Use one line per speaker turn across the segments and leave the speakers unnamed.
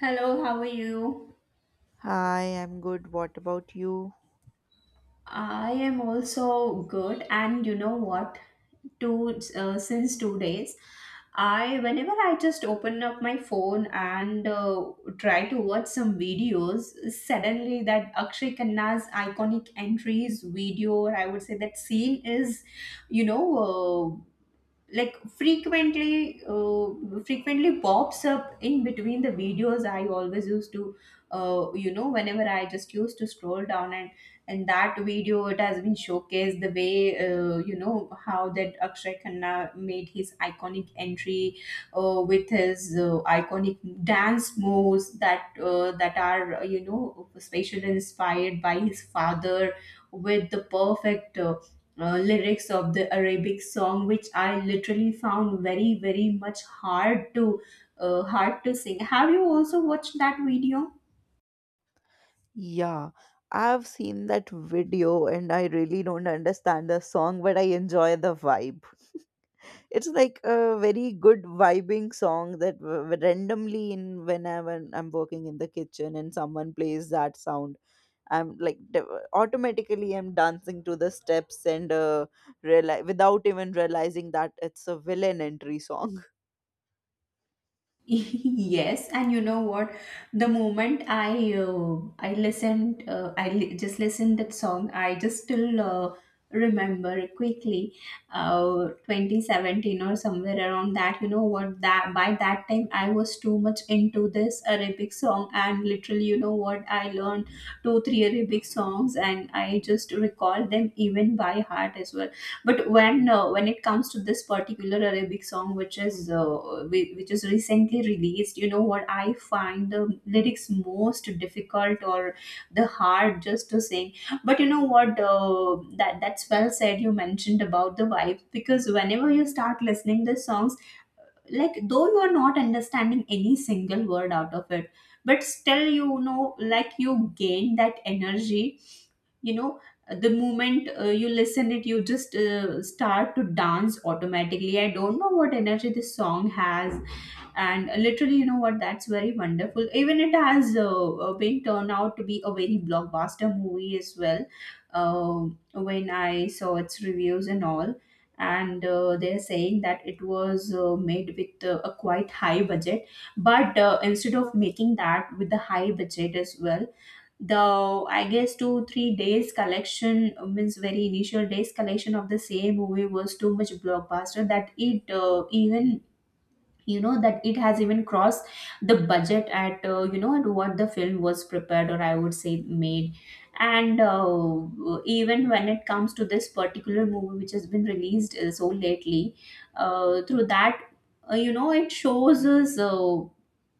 Hello, how are you?
Hi, I'm good. What about you?
I am also good, and you know what? Two Since 2 days, I whenever I just open up my phone and try to watch some videos, suddenly that Akshay Khanna's iconic entries video, or I would say that scene is, you know, uh, like frequently pops up in between the videos. I always used to whenever I just used to scroll down, and that video, it has been showcased the way, you know, how that Akshay Khanna made his iconic entry with his iconic dance moves that are, you know, specially inspired by his father, with the perfect lyrics of the Arabic song, which I literally found very, very much hard to hard to sing. Have you also watched that video?
Yeah, I've seen that video and I really don't understand the song, but I enjoy the vibe. It's like a very good vibing song that randomly in whenever I'm working in the kitchen and someone plays that sound, I'm like automatically I'm dancing to the steps and reali without even realizing that it's a villain entry song.
Yes, and you know what, the moment I just listened that song, I just still remember quickly, 2017 or somewhere around that. You know what, that by that time I was too much into this Arabic song, and literally, you know what, I learned 2 3 Arabic songs and I just recall them even by heart as well. But when it comes to this particular Arabic song, which is which is recently released, you know what, I find the lyrics most difficult or the hard just to sing. But you know what, that's well said. You mentioned about the vibe because whenever you start listening the songs, like though you are not understanding any single word out of it, but still, you know, like, you gain that energy, you know, the moment you listen it, you just start to dance automatically. I don't know what energy this song has, and literally, you know what, that's very wonderful. Even it has been turned out to be a very blockbuster movie as well. uh, when I saw its reviews and all, and they're saying that it was made with a quite high budget. But instead of making that with the high budget as well, the, I guess, 2 3 days collection, means very initial days collection of the same movie was too much blockbuster that it even, you know, that it has even crossed the budget at, you know, at what the film was prepared, or I would say made. And even when it comes to this particular movie which has been released so lately, through that you know, it shows us uh,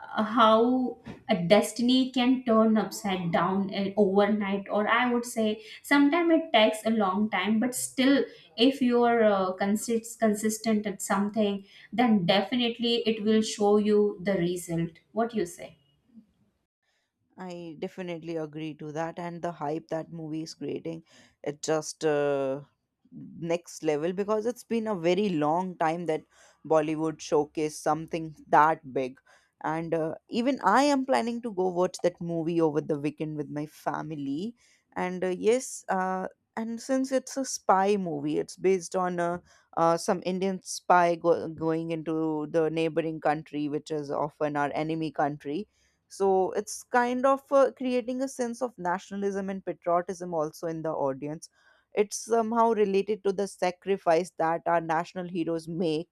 uh, how a destiny can turn upside down and overnight, or I would say sometimes it takes a long time, but still, if you are consistent at something, then definitely it will show you the result, what you say.
I definitely agree to that, and the hype that movie is creating, it just next level, because it's been a very long time that Bollywood showcased something that big, and even I am planning to go watch that movie over the weekend with my family, and yes, and since it's a spy movie, it's based on some Indian going into the neighboring country, which is often our enemy country, so it's kind of creating a sense of nationalism and patriotism also in the audience. It's somehow related to the sacrifice that our national heroes make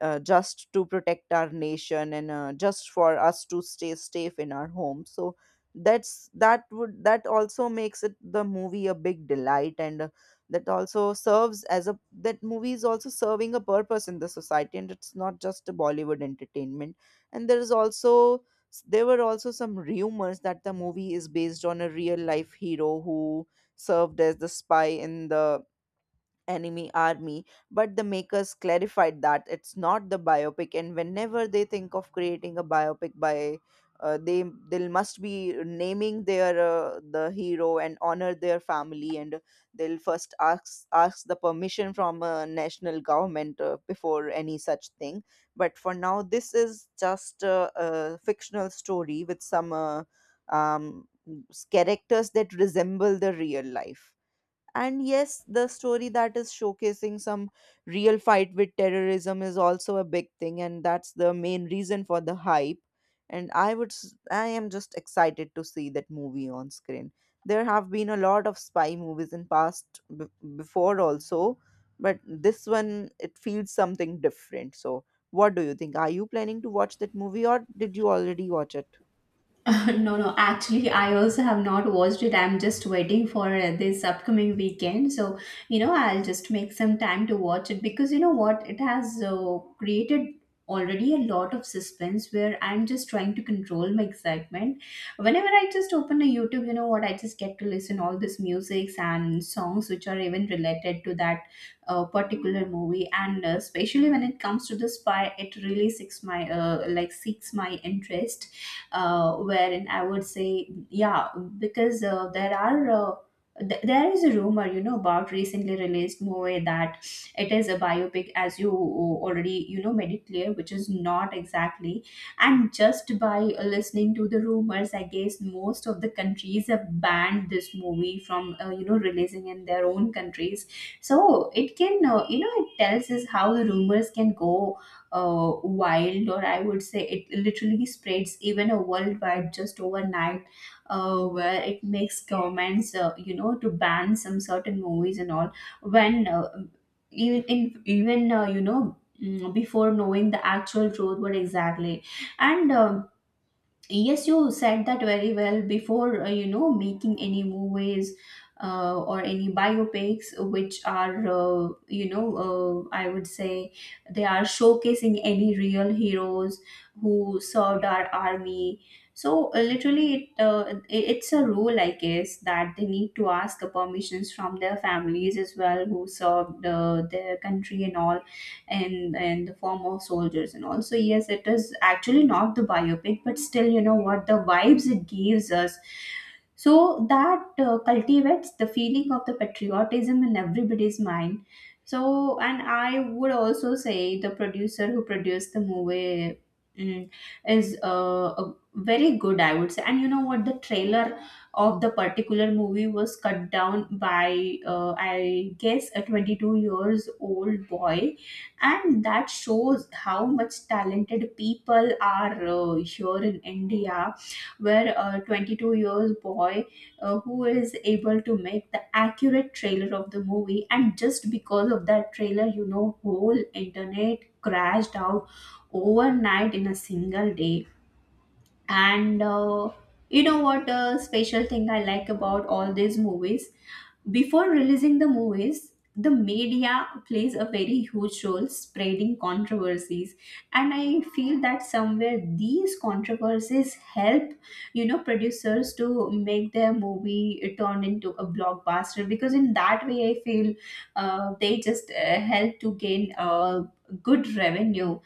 just to protect our nation and just for us to stay safe in our home. So that's that would that also makes it the movie a big delight, and that also serves as a, that movie is also serving a purpose in the society, and it's not just a Bollywood entertainment. And there is also, there were also some rumors that the movie is based on a real life hero who served as the spy in the enemy army, but the makers clarified that it's not the biopic, and whenever they think of creating a biopic, by uh, they they must be naming their the hero and honor their family, and they'll first ask the permission from a national government before any such thing. But for now this is just a fictional story with some um, characters that resemble the real life. And yes, the story that is showcasing some real fight with terrorism is also a big thing, and that's the main reason for the hype. And I would, I am just excited to see that movie on screen. There have been a lot of spy movies in past before also, but this one it feels something different. So, what do you think? Are you planning to watch that movie, or did you already watch it?
No, no. Actually, I also have not watched it. I'm just waiting for this upcoming weekend. So, you know, I'll just make some time to watch it, because you know what, it has created already a lot of suspense where I'm just trying to control my excitement. Whenever I just open a YouTube, you know what, I just get to listen all this musics and songs which are even related to that particular movie. And especially when it comes to the spy, it really seeks my seeks my interest, wherein I would say, yeah, because there is a rumor, you know, about recently released movie that it is a biopic, as you, already, you know, made it clear, which is not exactly. And just by listening to the rumors, I guess most of the countries have banned this movie from, you know, releasing in their own countries. So it can, you know, it tells us how the rumors can go wild, or I would say it literally spreads even a worldwide just overnight, where it makes governments, you know, to ban some certain movies and all. When even in, even You know, before knowing the actual truth, what exactly. And. Yes, you said that very well. Before, you know, making any movies or any biopics, which are, you know, I would say, they are showcasing any real heroes who served our army. So, literally, it's a rule, I guess, that they need to ask the permissions from their families as well who served their country and all, in the form of soldiers. And also, yes, it is actually not the biopic, but still, you know what, the vibes it gives us, so that cultivates the feeling of the patriotism in everybody's mind. So, and I would also say the producer who produced the movie, mm, is a very good, I would say. And you know what, the trailer of the particular movie was cut down by, I guess, a 22 years old boy, and that shows how much talented people are here in India, where a 22 years boy, who is able to make the accurate trailer of the movie. And just because of that trailer, you know, whole internet crashed out overnight, in a single day. And you know what, the special thing I like about all these movies, before releasing the movies, the media plays a very huge role spreading controversies, and I feel that somewhere these controversies help, you know, producers to make their movie turn into a blockbuster, because in that way I feel they just help to gain, good revenue,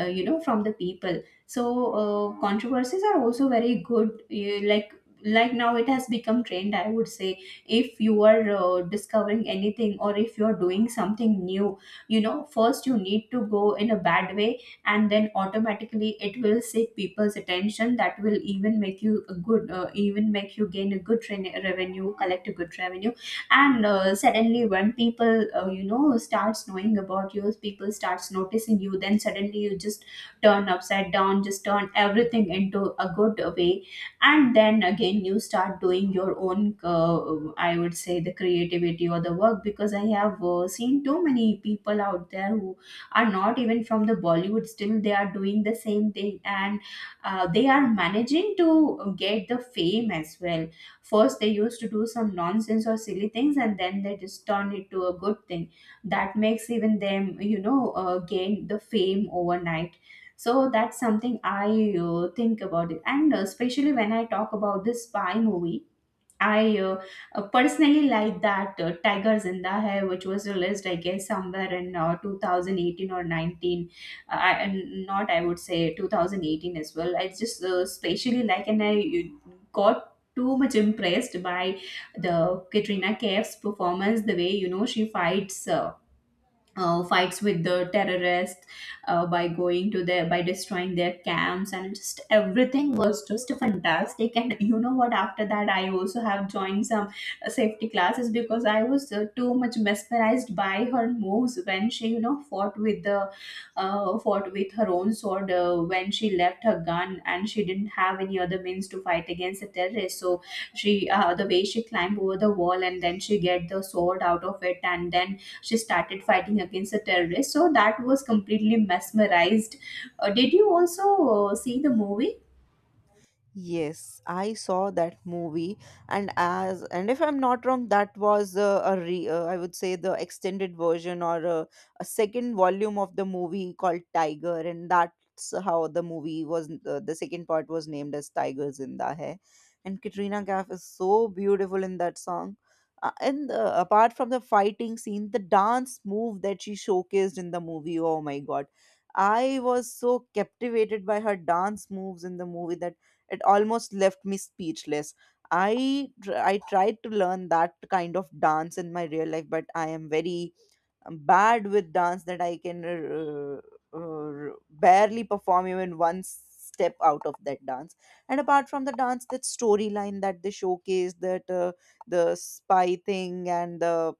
you know, from the people. So, controversies are also very good, you, like now it has become trend, I would say. If you are discovering anything or if you are doing something new, you know, first you need to go in a bad way, and then automatically it will seek people's attention that will even make you a good, even make you gain a good revenue, collect a good revenue. And suddenly when people, you know, starts knowing about you, people starts noticing you, then suddenly you just turn upside down, just turn everything into a good way. And then again you start doing your own, I would say, the creativity or the work, because I have seen too many people out there who are not even from the Bollywood, still they are doing the same thing. And they are managing to get the fame as well. First, they used to do some nonsense or silly things, and then they just turn it to a good thing. That makes even them, you know, gain the fame overnight. So that's something I think about it. And especially when I talk about this spy movie, I personally like that Tiger Zinda Hai, which was released, I guess, somewhere in 2018 or 19. I, and not, I would say, 2018 as well. I just specially like, and I got too much impressed by the Katrina Kaif's performance, the way, you know, she fights. Fights with the terrorists, by going to their, by destroying their camps, and just everything was just fantastic. And you know what, after that I also have joined some safety classes, because I was too much mesmerized by her moves when she, you know, fought with the, fought with her own sword, when she left her gun and she didn't have any other means to fight against the terrorists. So she, the way she climbed over the wall and then she get the sword out of it, and then she started fighting against the terrorists. So that was completely mesmerized. Did you also see the movie?
Yes, I saw that movie, and as and if I'm not wrong, that was a re I would say the extended version or a second volume of the movie called Tiger, and that's how the movie was. The second part was named as Tiger Zinda Hai, and Katrina Kaif is so beautiful in that song. And apart from the fighting scene, the dance move that she showcased in the movie, oh my God. I was so captivated by her dance moves in the movie that it almost left me speechless. I tried to learn that kind of dance in my real life, but I am very bad with dance that I can barely perform even one step out of that dance. And apart from the dance, that storyline that they showcase, that the spy thing and the,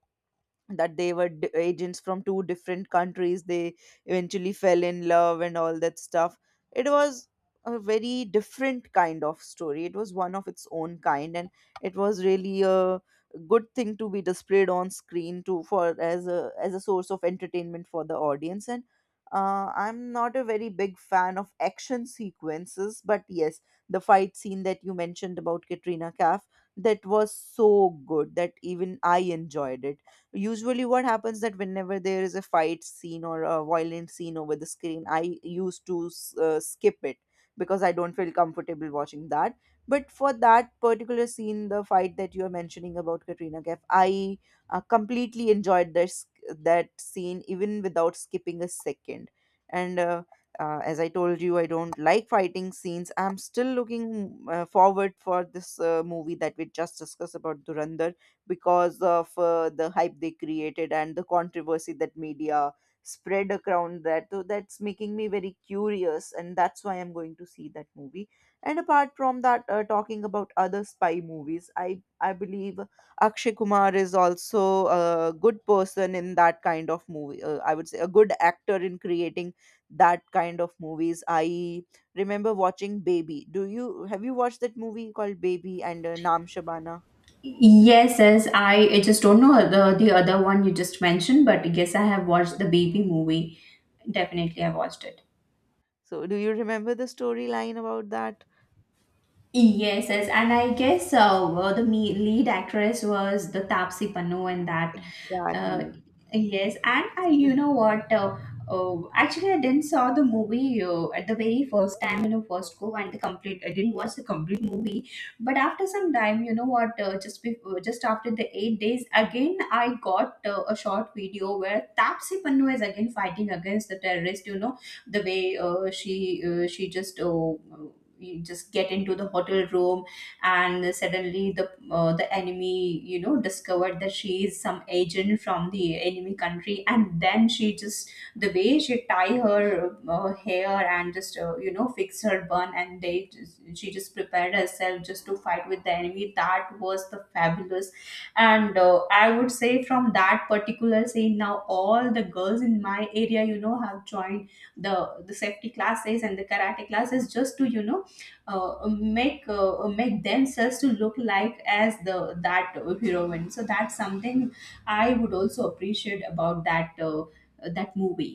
that they were agents from two different countries. They eventually fell in love and all that stuff. It was a very different kind of story. It was one of its own kind, and it was really a good thing to be displayed on screen to, for, as a, as a source of entertainment for the audience. And I'm not a very big fan of action sequences, but yes, the fight scene that you mentioned about Katrina Kaif, that was so good that even I enjoyed it. Usually what happens, that whenever there is a fight scene or a violent scene over the screen, I used to skip it, because I don't feel comfortable watching that. But for that particular scene, the fight that you are mentioning about Katrina Kaif, I completely enjoyed this that scene, even without skipping a second. And as I told you, I don't like fighting scenes. I'm still looking forward for this movie that we just discussed about, Durandar, because of the hype they created and the controversy that media spread around that. So that's making me very curious, and that's why I'm going to see that movie. And apart from that, talking about other spy movies, I believe Akshay Kumar is also a good person in that kind of movie, I would say a good actor in creating that kind of movies. I remember watching Baby. Do you Have you watched that movie called Baby and Naam Shabana?
Yes, yes, I just don't know the other one you just mentioned, but yes, I have watched the baby movie. Definitely, I watched it.
So do you remember the storyline about that?
Yes, yes, and I guess well, the lead actress was the Tapsi Pannu in that. Uh,
Exactly.
yes, and I, you know what? Oh, actually, I didn't saw the movie at the very first time. You know, first go and the complete. I didn't watch the complete movie, but after some time, you know what? Just before, just after the 8 days, again I got a short video where Tapsi Pannu is again fighting against the terrorist. The way she just you just get into the hotel room, and suddenly the enemy discovered that she is some agent from the enemy country, and then she just the way she tie her hair and just fix her bun, and she just prepared herself just to fight with the enemy. That was the fabulous. And I would say from that particular scene now all the girls in my area have joined the the safety classes and the karate classes just to make themselves to look like as the that heroine. So that's something I would also appreciate about that movie.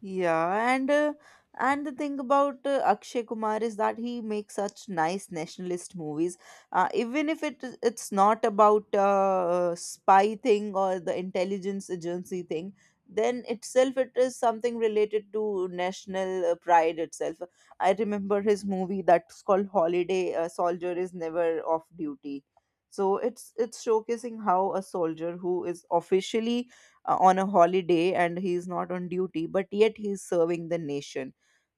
Yeah, and uh, and the thing about Akshay Kumar is that he makes such nice nationalist movies. Even if it's not about spy thing or the intelligence agency thing, then itself it is something related to national pride itself. I remember his movie that's called Holiday: A Soldier Is Never Off Duty. So it's showcasing how a soldier who is officially on a holiday and he is not on duty, but yet he is serving the nation.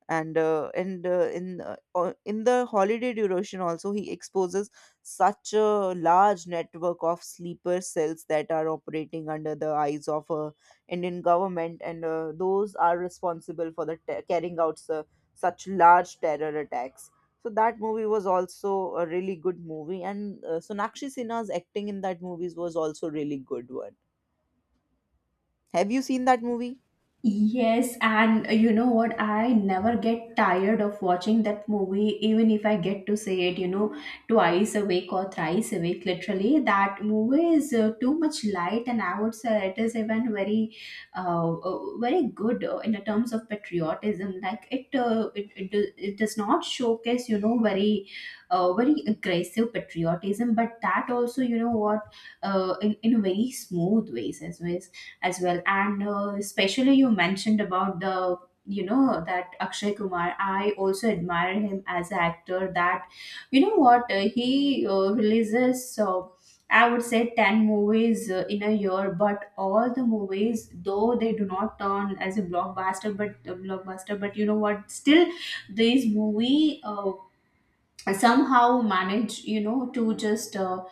And in the holiday duration also, he exposes such a large network of sleeper cells that are operating under the eyes of Indian government, and those are responsible for the carrying out such large terror attacks. So that movie was also a really good movie, and Sonakshi Sinha's acting in that movies was also really good one. Have you seen that movie?
Yes, and you know what? I never get tired of watching that movie, even if I get to see it, twice a week or thrice a week. Literally, that movie is too much light, and I would say it is even very good in the terms of patriotism. Like it does not showcase, very aggressive patriotism, but that also, in very smooth ways as well. And especially you mentioned about the you know that Akshay Kumar. I also admire him as an actor. That, you know what, he releases. I would say 10 movies in a year, but all the movies, though they do not turn as a blockbuster, but you know what, still these movie somehow manage, to just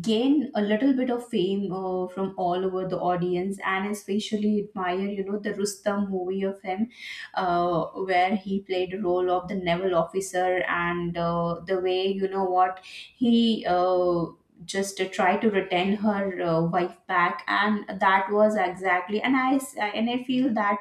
gain a little bit of fame from all over the audience, and especially admire the Rustam movie of him, uh, where he played the role of the naval officer. And the way you know what he just tried to retain her wife back, and that was exactly. And I feel that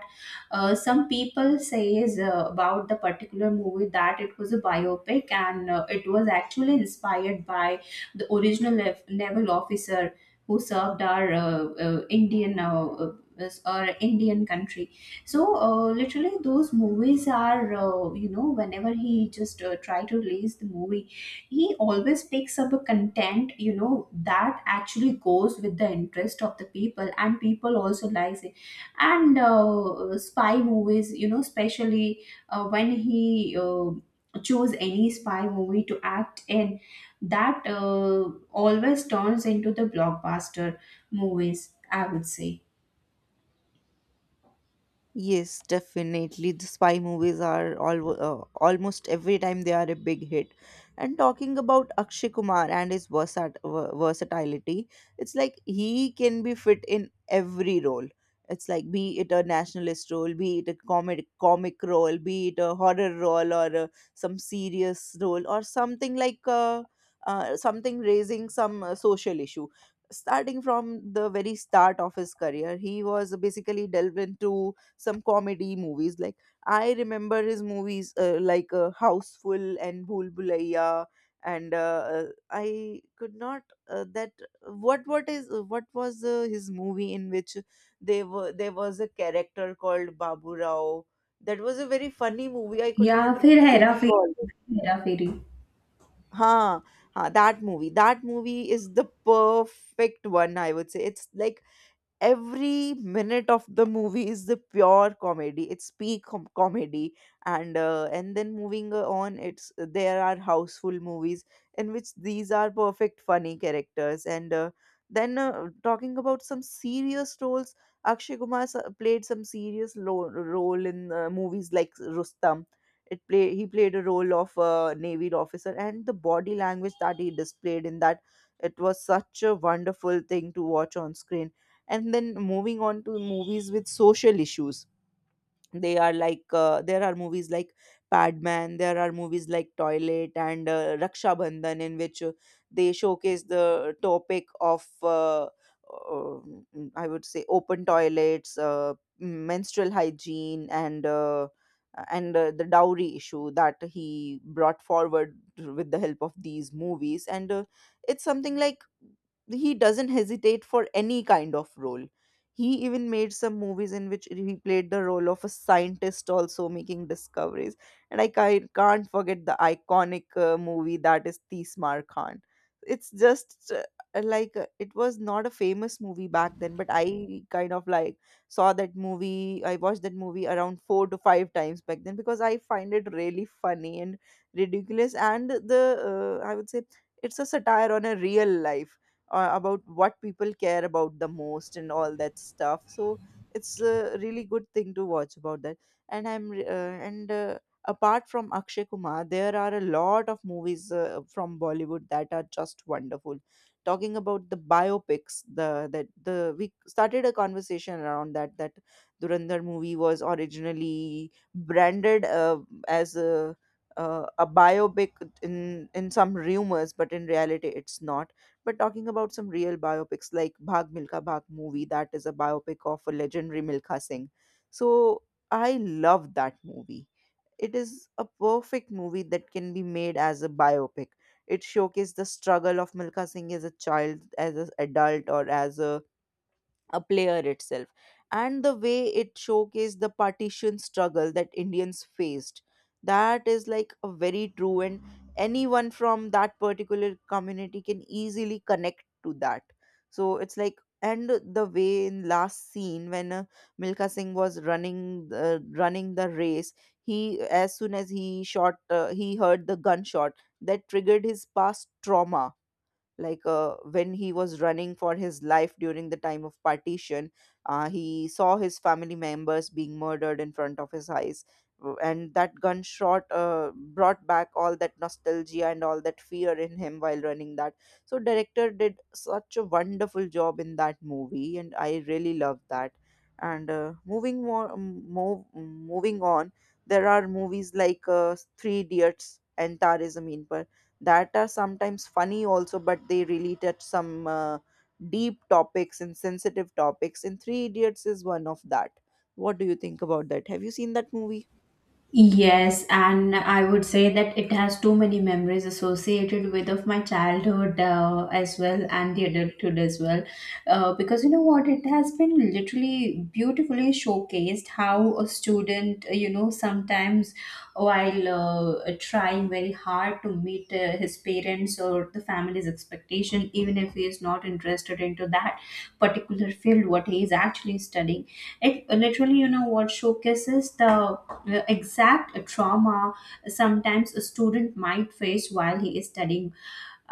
some people says about the particular movie that it was a biopic, and it was actually inspired by the original naval officer who served our Indian s- our Indian country. So literally, those movies are whenever he just try to release the movie, he always picks up a content that actually goes with the interest of the people, and people also likes it. And spy movies, especially when he choose any spy movie to act in, that always turns into the blockbuster movies, I would say.
Yes, definitely. The spy movies are all, almost every time they are a big hit. And talking about Akshay Kumar and his versatility, it's like he can be fit in every role. It's like, be it a nationalist role, be it a comic role, be it a horror role, or some serious role, or something like something raising some social issue. Starting from the very start of his career, he was basically delved into some comedy movies. Like, I remember his movies like Houseful and Bhool Bhulaiya, and I could not that what is what was his movie in which they were there was a character called Babu Rao. That was a very funny movie. I could
Yeah,
not
फिर हेरा फेरी
recall it.
Hera Pheri.
Huh, huh, that movie. That movie is the perfect one, I would say. It's like every minute of the movie is the pure comedy. It's peak comedy. And and then moving on, it's, there are Houseful movies in which these are perfect funny characters. And then talking about some serious roles, Akshay Kumar played some serious role in movies like Rustam. It play, he played a role of a navy officer, and the body language that he displayed in that, it was such a wonderful thing to watch on screen. And then moving on to movies with social issues, they are like, there are movies like Padman, there are movies like Toilet and Raksha Bandhan, in which they showcase the topic of I would say open toilets, menstrual hygiene, and the dowry issue that he brought forward with the help of these movies. And it's something like he doesn't hesitate for any kind of role. He even made some movies in which he played the role of a scientist, also making discoveries. And can't forget the iconic movie that is Tismar Khan. It's just like, it was not a famous movie back then, but I kind of like saw that movie. I watched that movie around four to five times back then, because I find it really funny and ridiculous. And the, I would say, it's a satire on a real life about what people care about the most and all that stuff. So it's a really good thing to watch about that. And apart from Akshay Kumar, there are a lot of movies from Bollywood that are just wonderful. Talking about the biopics, the that the we started a conversation around that, that Durandar movie was originally branded as a biopic in in some rumors, but in reality it's not. But talking about some real biopics like Bhag Milka Bhag movie, that is a biopic of a legendary Milka Singh. So I love that movie. It is a perfect movie that can be made as a biopic. It showcased the struggle of Milka Singh as a child, as an adult, or as a player itself, and the way it showcased the partition struggle that Indians faced, that is like a very true, and anyone from that particular community can easily connect to that. So it's like, and the way in last scene when Milka Singh was running the race, he, as soon as he shot, he heard the gunshot, that triggered his past trauma. Like when he was running for his life during the time of partition, he saw his family members being murdered in front of his eyes, and that gunshot brought back all that nostalgia and all that fear in him while running that. So director did such a wonderful job in that movie, and I really love that. And moving on, there are movies like Three Idiots and Tarzan, that are sometimes funny also but they really touch some deep topics and sensitive topics, and Three Idiots is one of that. What do you think about that? Have you seen that movie?
Yes, and I would say that it has too many memories associated with of my childhood as well, and the adulthood as well. Because you know what, it has been literally beautifully showcased how a student, sometimes while trying very hard to meet his parents or the family's expectation, even if he is not interested into that particular field, what he is actually studying, it literally, what showcases the exact trauma sometimes a student might face while he is studying.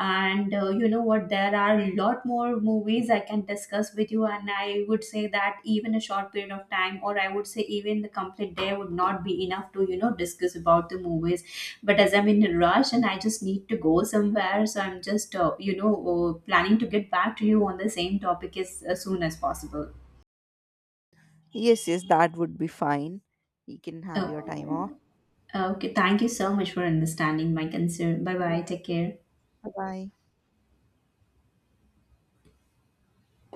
And you know what, there are a lot more movies I can discuss with you, and I would say that even a short period of time, or I would say even the complete day, would not be enough to discuss about the movies. But as I'm in a rush and I just need to go somewhere, so I'm just planning to get back to you on the same topic as soon as possible.
Yes, yes, that would be fine. You can have your
Oh,
time off.
okay, thank you so much for understanding my concern. Bye bye, take care.
Bye, bye.